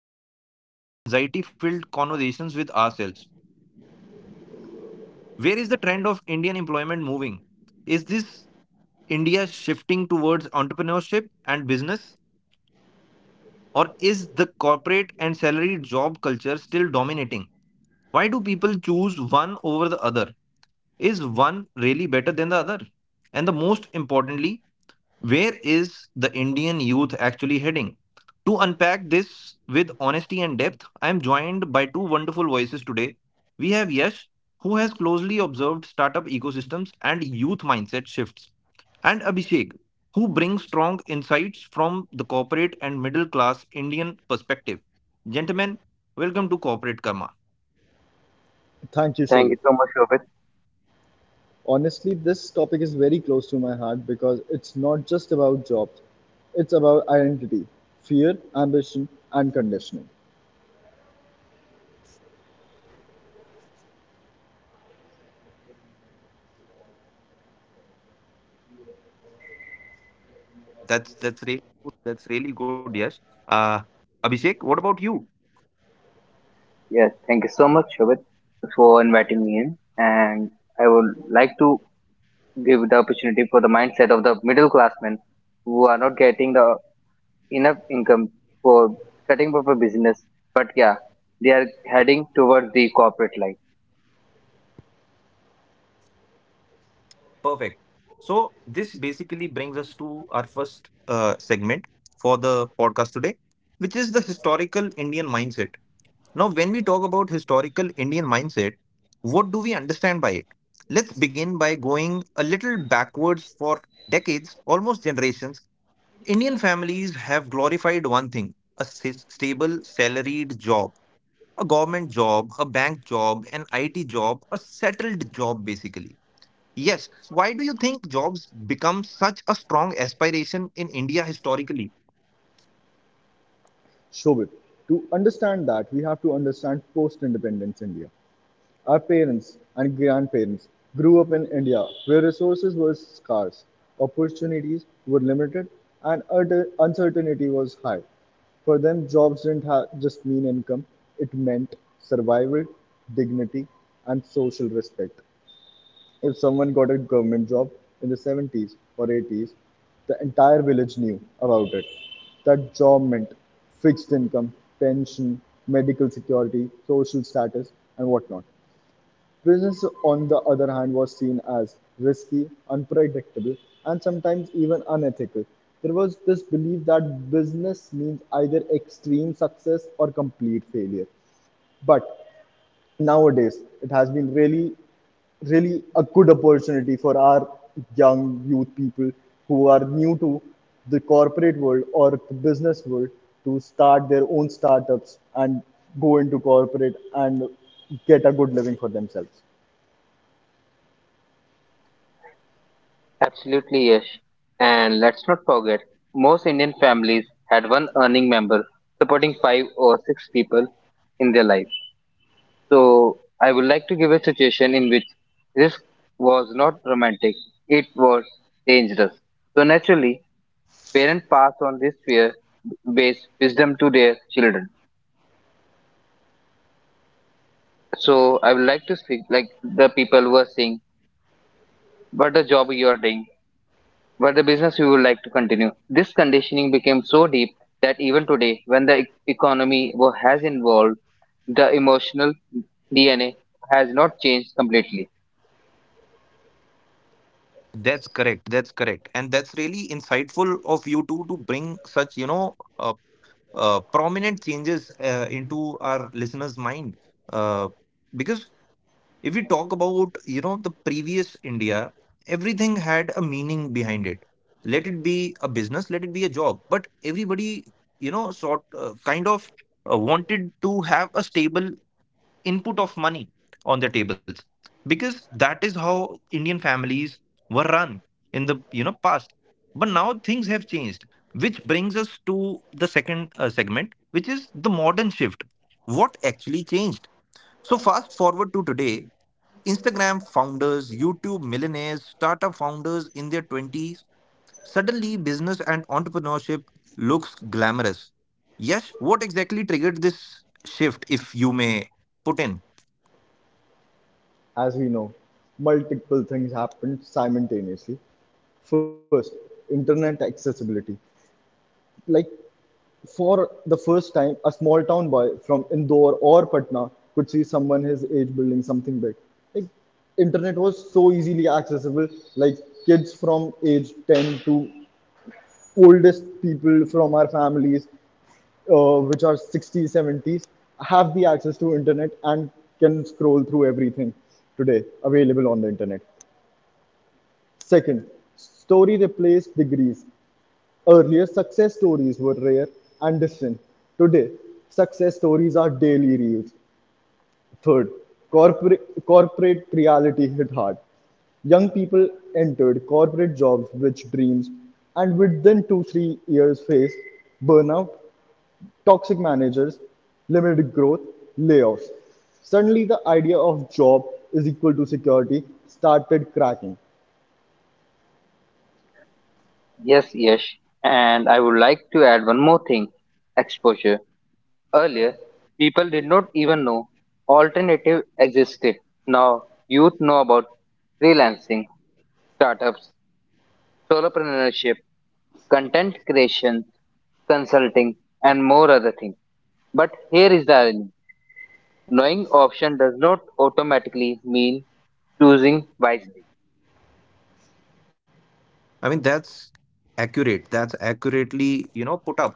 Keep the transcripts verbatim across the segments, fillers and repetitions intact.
those late night anxiety filled conversations with ourselves. Where is the trend of Indian employment moving? Is this India shifting towards entrepreneurship and business, or is the corporate and salary job culture still dominating? Why do people choose one over the other? Is one really better than the other? And the most importantly, where is the Indian youth actually heading? To unpack this with honesty and depth, I am joined by two wonderful voices today. We have Yash, who has closely observed startup ecosystems and youth mindset shifts, and Abhishek, who brings strong insights from the corporate and middle class Indian perspective. Gentlemen, welcome to Corporate Karma. Thank you, Thank Shobit. you so much, Shobit. Honestly, this topic is very close to my heart because it's not just about jobs, it's about identity, fear, ambition, and conditioning. That's that's really good. that's really good, Yash. Uh, Abhishek, what about you? Yes, thank you so much, Shobit, for inviting me in. And I would like to give the opportunity for the mindset of the middle classmen who are not getting the enough income for setting up a business. But yeah, they are heading towards the corporate life. Perfect. So this basically brings us to our first uh, segment for the podcast today, which is the historical Indian mindset. Now, when we talk about historical Indian mindset, what do we understand by it? Let's begin by going a little backwards for decades, almost generations. Indian families have glorified one thing, a s- stable, salaried job, a government job, a bank job, an I T job, a settled job, basically. Yes. Why do you think jobs become such a strong aspiration in India historically? Shobit, to understand that, we have to understand post independence India. Our parents and grandparents grew up in India where resources were scarce, opportunities were limited, and ut- uncertainty was high. For them, jobs didn't ha- just mean income, it meant survival, dignity, and social respect. If someone got a government job in the seventies or eighties, the entire village knew about it. That job meant fixed income, pension, medical security, social status, and whatnot. Business, on the other hand, was seen as risky, unpredictable, and sometimes even unethical. There was this belief that business means either extreme success or complete failure. But nowadays, it has been really, really a good opportunity for our young youth people who are new to the corporate world or the business world to start their own startups and go into corporate and get a good living for themselves. Absolutely, yes. And let's not forget, most Indian families had one earning member supporting five or six people in their life. So I would like to give a situation in which risk was not romantic, it was dangerous. So naturally, parents pass on this fear based wisdom to their children. So I would like to speak like the people who are saying what the job you are doing, what the business you would like to continue. This conditioning became so deep that even today, when the e- economy wo- has involved, the emotional D N A has not changed completely. That's correct. That's correct. And that's really insightful of you two to bring such, you know, uh, uh, prominent changes uh, into our listeners' mind. Uh, because if we talk about, you know, the previous India, everything had a meaning behind it. Let it be a business, let it be a job. But everybody, you know, sort uh, kind of uh, wanted to have a stable input of money on their tables, because that is how Indian families were run in the, you know, past. But now things have changed, which brings us to the second uh, segment, which is the modern shift. What actually changed? So fast forward to today, Instagram founders, YouTube millionaires, startup founders in their twenties. Suddenly business and entrepreneurship looks glamorous. Yes, what exactly triggered this shift, if you may put in? As we know, multiple things happened simultaneously. First, internet accessibility. Like for the first time, a small town boy from Indore or Patna could see someone his age building something big. Like internet was so easily accessible. Like kids from age ten to oldest people from our families, uh, which are sixties, seventies, have the access to internet and can scroll through everything today available on the internet. Second, story replaced degrees. Earlier, success stories were rare and distant. Today, success stories are daily reels. Third, corporate, corporate reality hit hard. Young people entered corporate jobs with dreams and within two, three years faced burnout, toxic managers, limited growth, layoffs. Suddenly, the idea of job is equal to security started cracking. Yes, Yash. And I would like to add one more thing exposure. Earlier, people did not even know alternative existed. Now, youth know about freelancing, startups, solopreneurship, content creation, consulting, and more other things. But here is the irony knowing option does not automatically mean choosing wisely. I mean, that's accurate. That's accurately, you know, put up.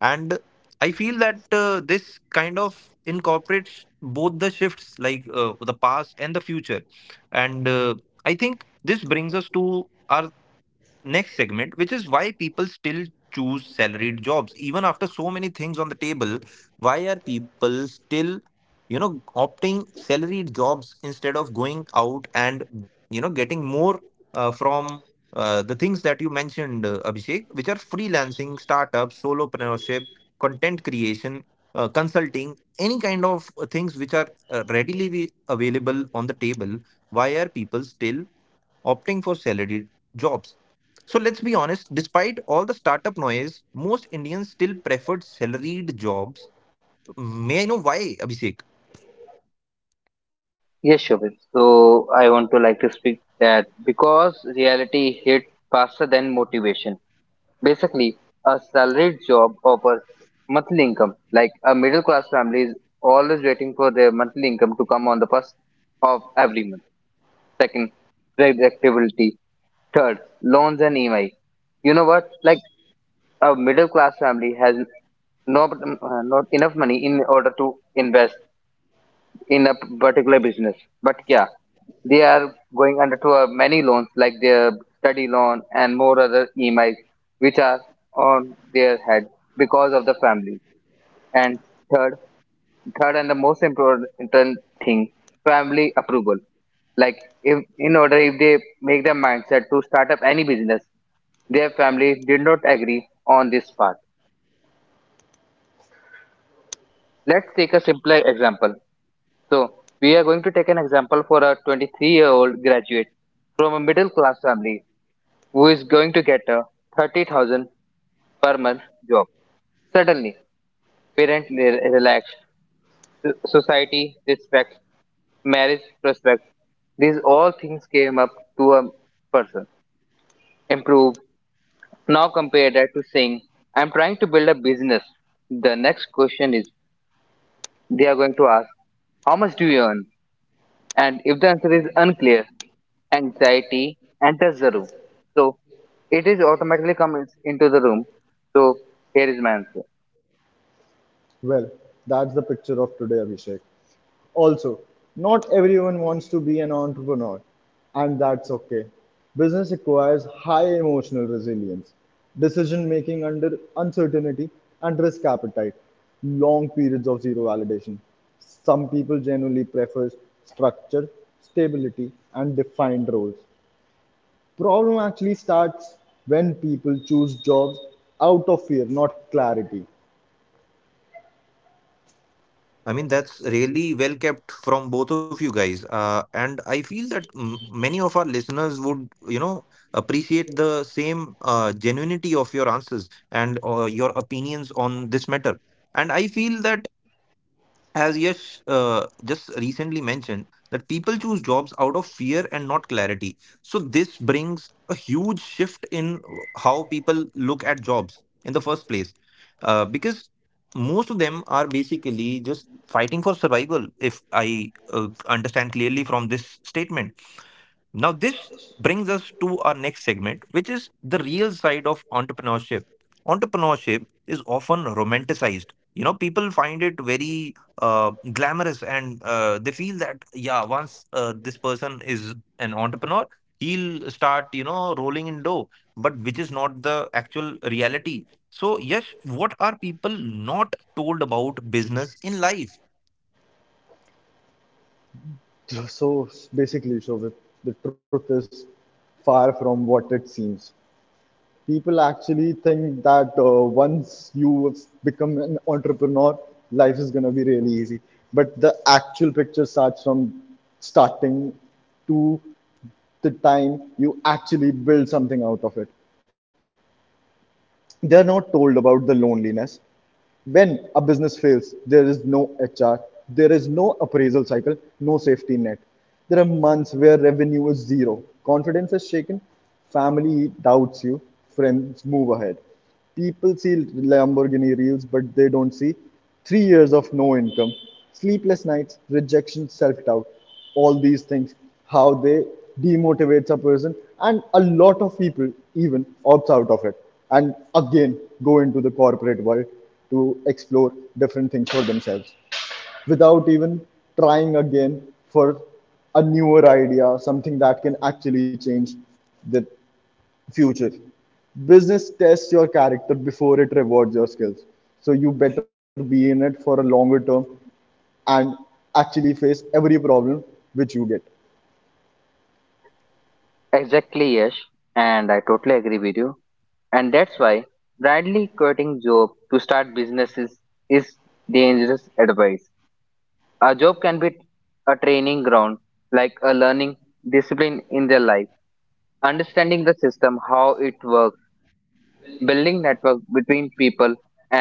And I feel that uh, this kind of incorporates both the shifts, like uh, the past and the future. And uh, I think this brings us to our next segment, which is why people still choose salaried jobs even after so many things on the table. Why are people still, you know, opting salaried jobs instead of going out and, you know, getting more uh, from uh, the things that you mentioned, uh, Abhishek, which are freelancing, startups, solopreneurship, content creation, uh, consulting, any kind of uh, things which are uh, readily available on the table. Why are people still opting for salaried jobs? So let's be honest, despite all the startup noise, most Indians still preferred salaried jobs. May I know why, Abhishek? Yes, Shobhit. So I want to like to speak that because reality hit faster than motivation. Basically, a salaried job offers monthly income. Like a middle class family is always waiting for their monthly income to come on the first of every month. Second, predictability. Third, loans and E M I. You know what? Like a middle class family has not, uh, not enough money in order to invest in a particular business. But yeah, they are going under to uh, many loans like their study loan and more other E M Is which are on their head because of the family. And third third and the most important thing, family approval like if in order if they make their mindset to start up any business their family did not agree on this part. Let's take a simple example. So we are going to take an example for a twenty-three year old graduate from a middle class family who is going to get a thirty thousand per month job. Suddenly, parents relax, so- society respects, marriage prospects. These all things came up to a person. Improve. Now compare that to saying, I'm trying to build a business. The next question is, they are going to ask, how much do you earn? And if the answer is unclear, anxiety enters the room. So it is automatically comes into the room. So here is my answer. Well, that's the picture of today, Abhishek. Also, not everyone wants to be an entrepreneur, and that's okay. Business requires high emotional resilience, decision making under uncertainty, and risk appetite, long periods of zero validation. Some people generally prefer structure, stability, and defined roles. Problem actually starts when people choose jobs out of fear, not clarity. I mean, that's really well kept from both of you guys. Uh, and I feel that m- many of our listeners would, you know, appreciate the same uh, genuinity of your answers and uh, your opinions on this matter. And I feel that, as Yash uh, just recently mentioned, that people choose jobs out of fear and not clarity. So this brings a huge shift in how people look at jobs in the first place, uh, because most of them are basically just fighting for survival. If I uh, understand clearly from this statement. Now, this brings us to our next segment, which is the real side of entrepreneurship. Entrepreneurship is often romanticized. You know, people find it very uh, glamorous, and uh, they feel that, yeah, once uh, this person is an entrepreneur, he'll start, you know, rolling in dough, but which is not the actual reality. So, yes, what are people not told about business in life? So so basically, so the, the truth is far from what it seems. People actually think that uh, once you have become an entrepreneur, life is going to be really easy. But the actual picture starts from starting to the time you actually build something out of it. They're not told about the loneliness, when a business fails, there is no H R, there is no appraisal cycle, no safety net. There are months where revenue is zero, confidence is shaken, family doubts you, friends move ahead. People see Lamborghini reels, but they don't see three years of no income, sleepless nights, rejection, self doubt all these things, how they demotivates a person, and a lot of people even opts out of it and again go into the corporate world to explore different things for themselves without even trying again for a newer idea, something that can actually change the future. Business tests your character before it rewards your skills. So you better be in it for a longer term and actually face every problem which you get. Exactly, Yash, and I totally agree with you. And that's why blindly quitting job to start businesses is dangerous advice. A job can be a training ground, like a learning discipline in their life, understanding the system, how it works, building network between people and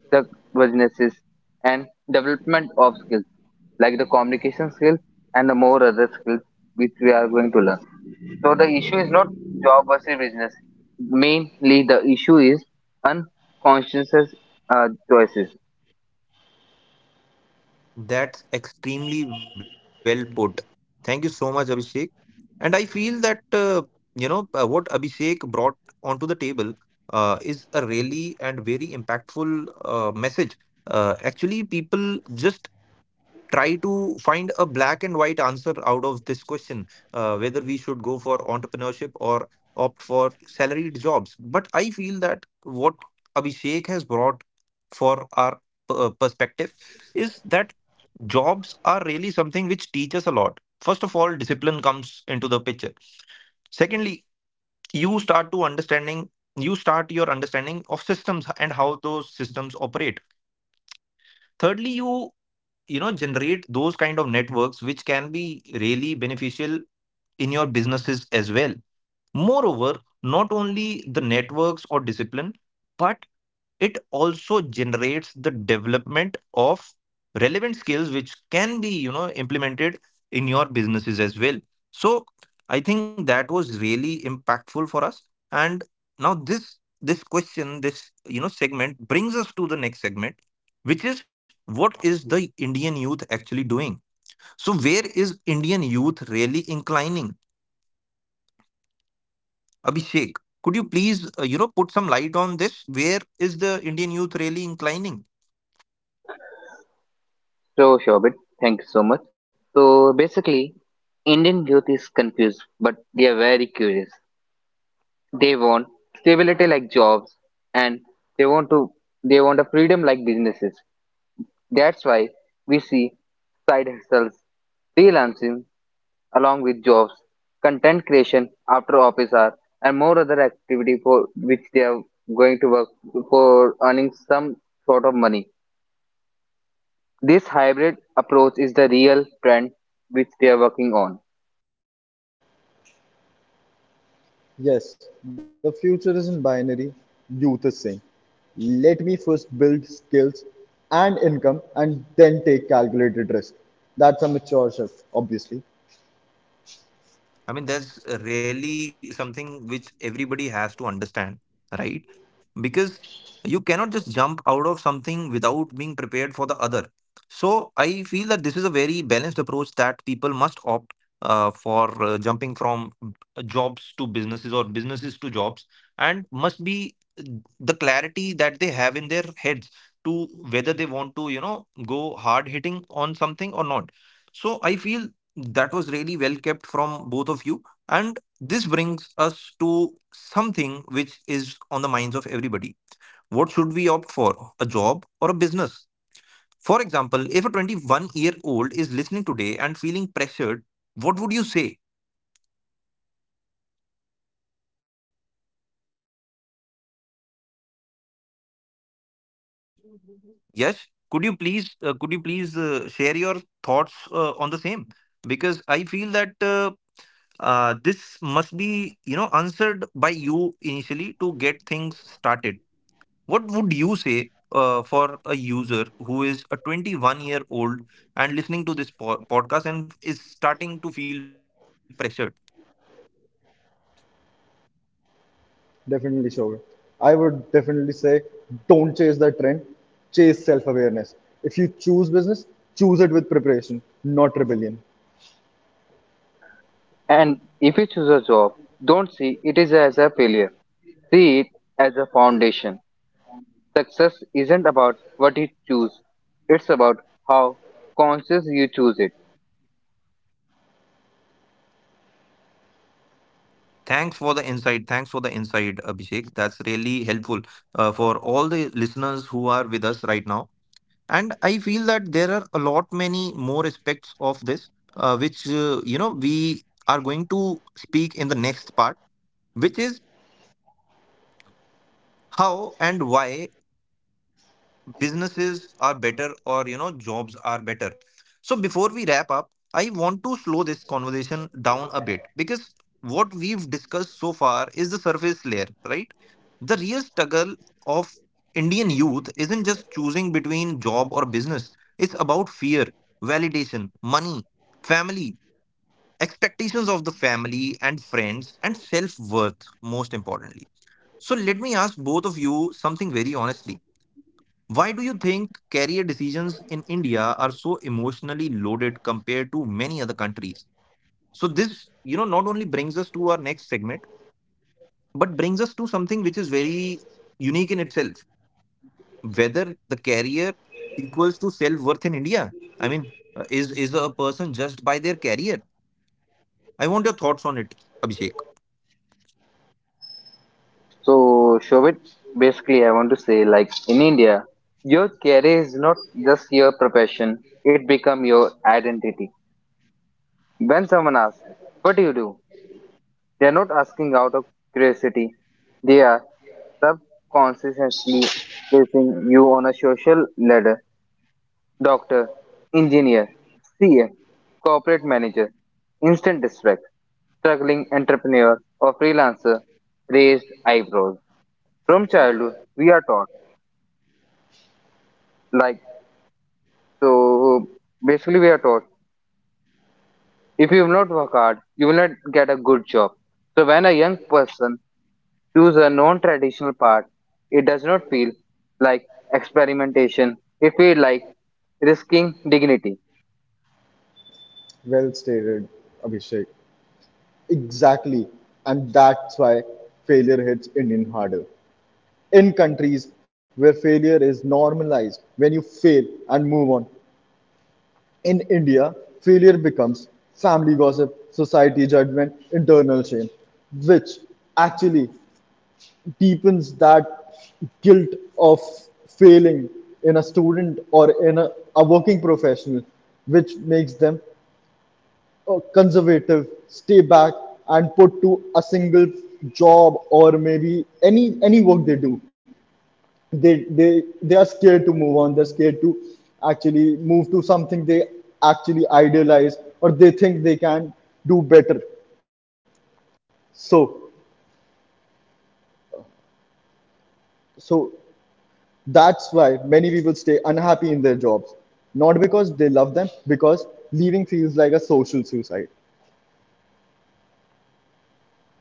the businesses, and development of skills like the communication skills and the more other skills which we are going to learn. So the issue is not job versus business. Mainly the issue is unconscious uh, choices. That's extremely well put. Thank you so much, Abhishek. And I feel that, uh, you know, uh, what Abhishek brought onto the table uh, is a really and very impactful uh, message. Uh, actually, people just try to find a black and white answer out of this question, uh, whether we should go for entrepreneurship or opt for salaried jobs. But I feel that what Abhishek has brought for our p- uh, perspective is that jobs are really something which teach us a lot. First of all, discipline comes into the picture. Secondly, you start to understanding — you start your understanding of systems and how those systems operate. Thirdly, you you know, generate those kind of networks which can be really beneficial in your businesses as well. Moreover, not only the networks or discipline, but it also generates the development of relevant skills which can be, you know, implemented in your businesses as well. So I think that was really impactful for us. And now this this question, this, you know, segment brings us to the next segment, which is, what is the Indian youth actually doing? So where is Indian youth really inclining, Abhishek? Could you please, uh, you know, put some light on this? Where is the Indian youth really inclining? So Shobit, thank you so much. So basically, Indian youth is confused, but they are very curious. They want stability like jobs, and they want to they want a freedom like businesses. That's why we see side hustles, freelancing, along with jobs, content creation after office hour, and more other activity for which they are going to work for earning some sort of money. This hybrid approach is the real trend which they are working on. Yes, the future isn't binary, youth is saying. Let me first build skills and income and then take calculated risk. That's a mature shift, obviously. I mean, that's really something which everybody has to understand, right? Because you cannot just jump out of something without being prepared for the other. So I feel that this is a very balanced approach that people must opt uh, for uh, jumping from uh, jobs to businesses or businesses to jobs, and must be uh, the clarity that they have in their heads to whether they want to, you know, go hard hitting on something or not. So I feel that was really well kept from both of you. And this brings us to something which is on the minds of everybody. What should we opt for? A job or a business? For example, if a twenty-one year old is listening today and feeling pressured, what would you say? Yes, could you please uh, could you please uh, share your thoughts uh, on the same? Because I feel that uh, uh, this must be, you know, answered by you initially to get things started. What would you say uh, for a user who is a twenty-one year old and listening to this po- podcast and is starting to feel pressured? Definitely sure. I would definitely say don't chase the trend, chase self awareness. If you choose business, choose it with preparation, not rebellion. And if you choose a job, don't see it is as a failure. See it as a foundation. Success isn't about what you choose, it's about how conscious you choose it. Thanks for the insight. Thanks for the insight, Abhishek. That's really helpful uh, for all the listeners who are with us right now. And I feel that there are a lot many more aspects of this, uh, which uh, you know, we are going to speak in the next part, which is how and why businesses are better or, you know, jobs are better. So before we wrap up, I want to slow this conversation down a bit, because what we've discussed so far is the surface layer, right? The real struggle of Indian youth isn't just choosing between job or business. It's about fear, validation, money, family, expectations of the family and friends, and self-worth most importantly. So let me ask both of you something very honestly. Why do you think career decisions in India are so emotionally loaded compared to many other countries? So this, you know, not only brings us to our next segment, but brings us to something which is very unique in itself. Whether the career equals to self-worth in India. I mean, uh, is is a person judged by their career? I want your thoughts on it, Abhishek. So, Shobit, basically, I want to say, like in India, your career is not just your profession; it become your identity. When someone asks, "What do you do?" they are not asking out of curiosity; they are subconsciously placing you on a social ladder: doctor, engineer, C A, corporate manager, instant distract, struggling entrepreneur, or freelancer. Raised eyebrows. From childhood, we are taught like. So basically, we are taught if you will not work hard, you will not get a good job. So when a young person chooses a non-traditional path, it does not feel like experimentation. It feels like risking dignity. Well stated, Abhishek. Exactly. And that's why failure hits Indian harder. In countries where failure is normalized when you fail and move on, in India failure becomes family gossip, society judgment, internal shame, which actually deepens that guilt of failing in a student or in a, a working professional, which makes them uh, conservative, stay back and put to a single job or maybe any any work they do. They they they are scared to move on, they're scared to actually move to something they actually idealize or they think they can do better. So so that's why many people stay unhappy in their jobs, not because they love them, because leaving feels like a social suicide.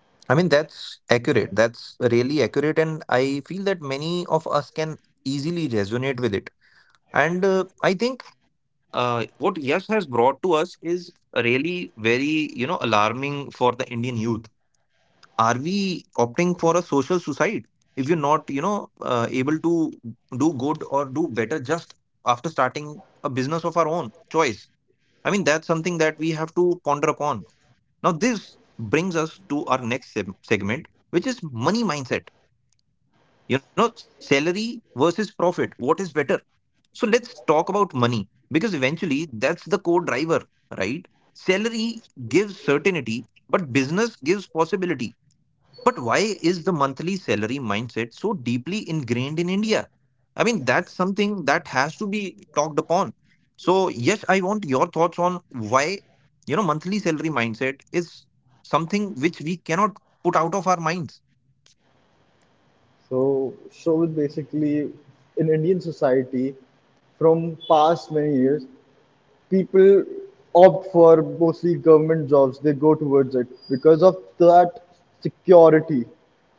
I mean, that's accurate. That's really accurate, and I feel that many of us can easily resonate with it. And uh, I think uh, what Yash has brought to us is really very, you know, alarming for the Indian youth. Are we opting for a social suicide if you're not, you know, uh, able to do good or do better just after starting a business of our own choice? I mean, that's something that we have to ponder upon. Now, this brings us to our next seg- segment, which is money mindset. You know, salary versus profit. What is better? So let's talk about money, because eventually that's the core driver, right? Salary gives certainty, but business gives possibility. But why is the monthly salary mindset so deeply ingrained in India? I mean, that's something that has to be talked upon. So, yes, I want your thoughts on why, you know, monthly salary mindset is something which we cannot put out of our minds. So so basically in Indian society, from past many years, people opt for mostly government jobs. They go towards it because of that security,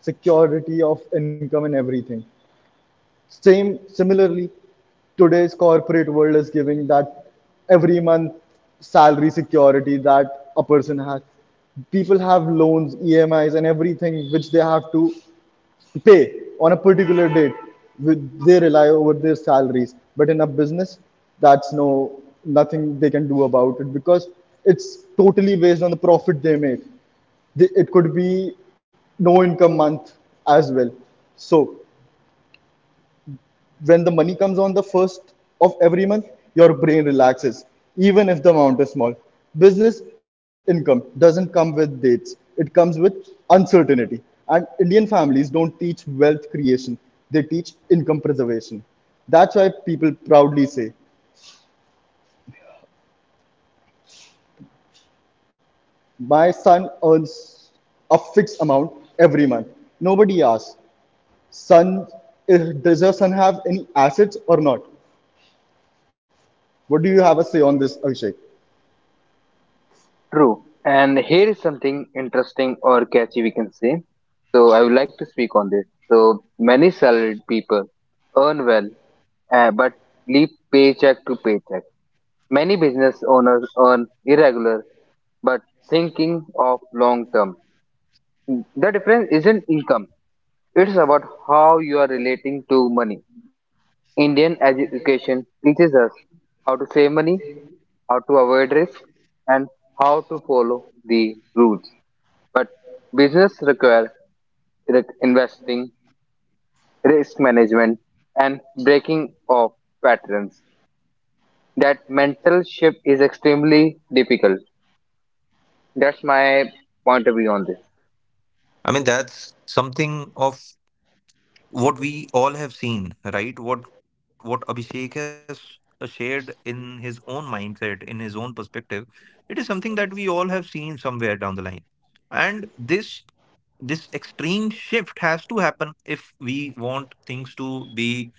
security of income and everything. Same, similarly, today's corporate world is giving that every month salary security that a person has. People have loans, E M Is, and everything which they have to pay on a particular date with. They rely over their salaries, but in a business, that's no nothing they can do about it because it's totally based on the profit they make. They- it could be no income month as well. So when the money comes on the first of every month, your brain relaxes, even if the amount is small. Business income doesn't come with dates, it comes with uncertainty. And Indian families don't teach wealth creation, they teach income preservation. That's why people proudly say, "My son earns a fixed amount every month." Nobody asks, "Son, eh, does your son have any assets or not?" What do you have to say on this, Abhishek? True. And here is something interesting or catchy we can say. So I would like to speak on this. So many salaried people earn well, uh, but live paycheck to paycheck. Many business owners earn irregular but thinking of long term. The difference isn't income, it's about how you are relating to money. Indian education teaches us how to save money, how to avoid risk, and how to follow the rules. But business requires investing, risk management, and breaking of patterns. That mental shift is extremely difficult. That's my point of view on this. I mean, that's something of what we all have seen, right? What what Abhishek has shared in his own mindset, in his own perspective, it is something that we all have seen somewhere down the line. And this this extreme shift has to happen if we want things to be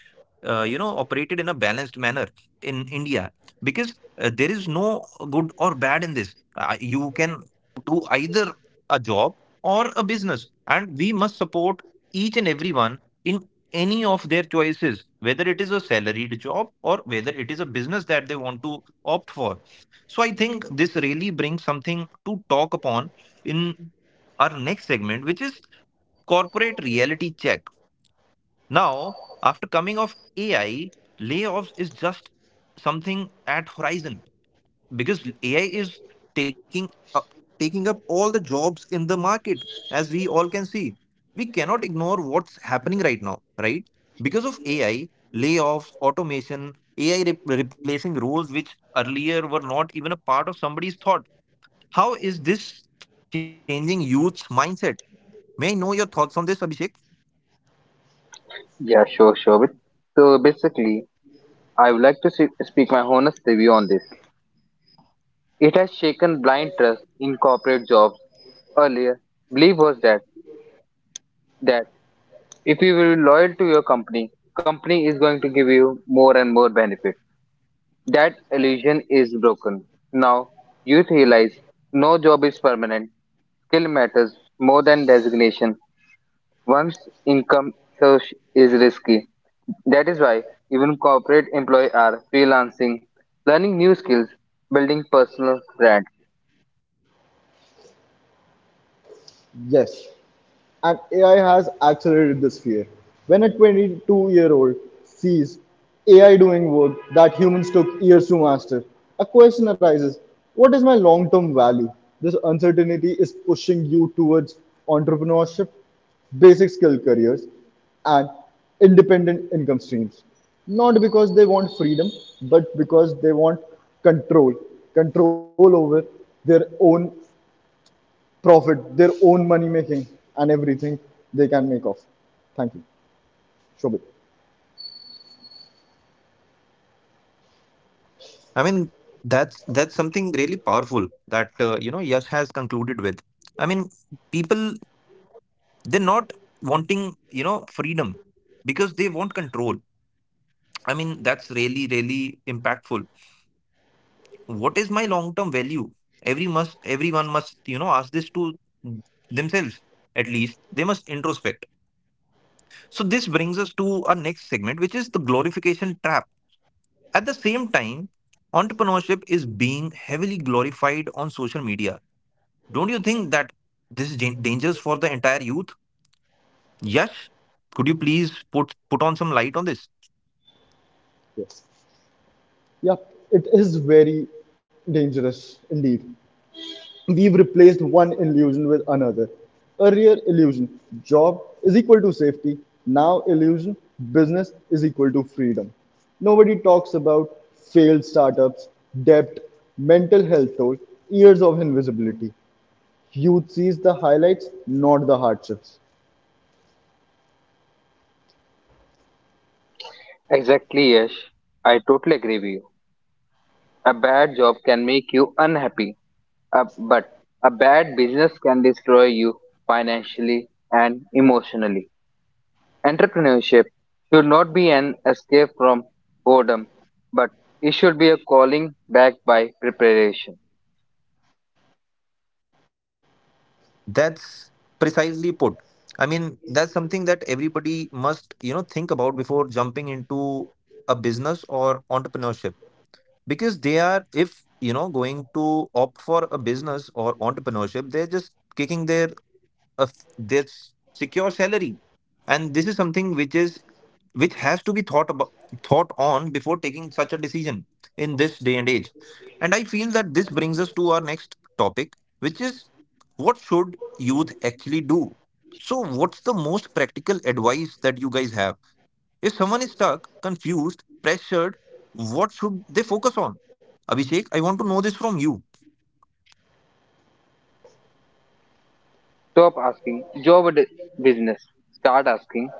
uh, you know, operated in a balanced manner in India because uh, there is no good or bad in this. Uh, you can do either a job or a business, and we must support each and everyone in any of their choices, whether it is a salaried job or whether it is a business that they want to opt for. So I think this really brings something to talk upon in our next segment, which is corporate reality check. Now, after coming of A I, layoffs is just something at horizon because A I is taking up taking up all the jobs in the market, as we all can see. We cannot ignore what's happening right now, right? Because of A I, layoffs, automation, A I re- replacing roles which earlier were not even a part of somebody's thought. How is this changing youth's mindset? May I know your thoughts on this, Abhishek? Yeah, sure, sure. So basically, I would like to se- speak my honest review on this. It has shaken blind trust in corporate jobs. Earlier, belief was that that if you will be loyal to your company, company is going to give you more and more benefit. That illusion is broken. Now, youth realize no job is permanent. Skill matters more than designation. Once income search is risky. That is why even corporate employees are freelancing, learning new skills, building personal brand. Yes, and A I has accelerated this fear. When a twenty-two year old sees A I doing work that humans took years to master, a question arises, what is my long term value? This uncertainty is pushing you towards entrepreneurship, basic skill careers, and independent income streams. Not because they want freedom, but because they want control control over their own profit, their own money making, and everything they can make off. Thank you, Shobit. I mean, that's that's something really powerful that uh, you know Yash has concluded with. I mean, people they're not wanting you know freedom because they want control. I mean, that's really really impactful. What is my long term value? Every must everyone must you know ask this to themselves at least. They must introspect. So this brings us to our next segment, which is the glorification trap. At the same time, entrepreneurship is being heavily glorified on social media. Don't you think that this is dan- dangerous for the entire youth? Yes. Could you please put put on some light on this? Yes. Yeah, it is very dangerous indeed. We've replaced one illusion with another. Earlier, illusion job is equal to safety. Now, illusion business is equal to freedom. Nobody talks about failed startups, debt, mental health toll, years of invisibility. Youth sees the highlights, not the hardships. Exactly, Yash. I totally agree with you. A bad job can make you unhappy, uh, but a bad business can destroy you financially and emotionally. Entrepreneurship should not be an escape from boredom, but it should be a calling backed by preparation. That's precisely put. I mean, that's something that everybody must, you know, think about before jumping into a business or entrepreneurship. Because they are, if, you know, going to opt for a business or entrepreneurship, they're just kicking their uh, their s- secure salary. And this is something which is which has to be thought about thought on before taking such a decision in this day and age. And I feel that this brings us to our next topic, which is what should youth actually do? So what's the most practical advice that you guys have if someone is stuck, confused, pressured, what should they focus on? Abhishek, I want to know this from you. Stop asking job or d- business. Start asking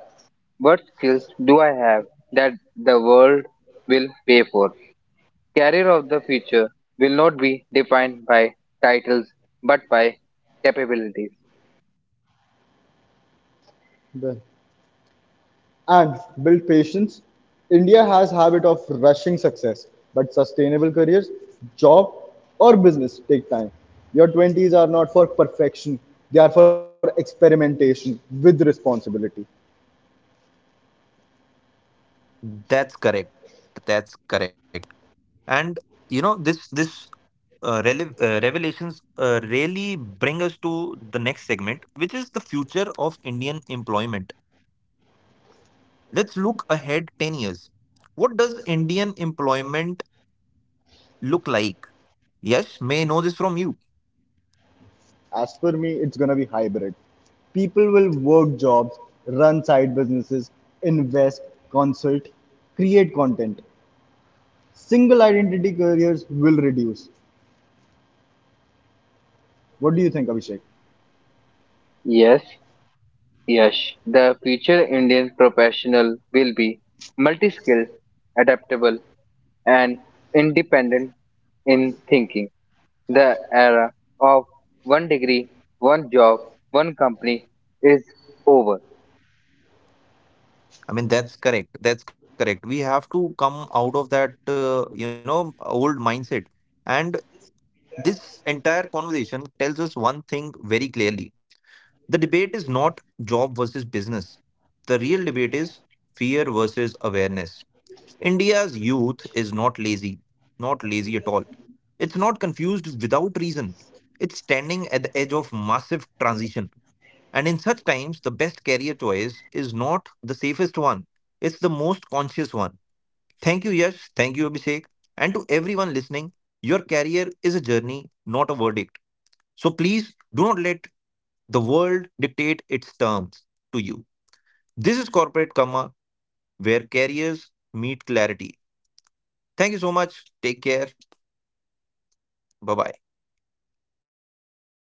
what skills do I have that the world will pay for. Career of the future will not be defined by titles but by capabilities. Well, and build patience. India has habit of rushing success, but sustainable careers, job or business take time. Your twenties are not for perfection, they are for experimentation with responsibility. That's correct that's correct And you know this this uh, rele- uh, revelations uh, really bring us to the next segment, which is the future of Indian employment. Let's look ahead ten years. What does Indian employment look like? Yes, may know this from you. As for me, it's gonna be hybrid. People will work jobs, run side businesses, invest, consult, create content. Single identity careers will reduce. What do you think, Abhishek? Yes, Yash, the future Indian professional will be multi skilled, adaptable, and independent in thinking. The era of one degree, one job, one company is over. I mean, that's correct. That's correct. We have to come out of that, uh, you know, old mindset. And this entire conversation tells us one thing very clearly. The debate is not job versus business. The real debate is fear versus awareness. India's youth is not lazy, not lazy at all. It's not confused without reason. It's standing at the edge of massive transition. And in such times, the best career choice is not the safest one, it's the most conscious one. Thank you, Yash. Thank you, Abhishek. And to everyone listening, your career is a journey, not a verdict. So please do not let the world dictate its terms to you. This is Corporate Karma, where careers meet clarity. Thank you so much. Take care. Bye bye.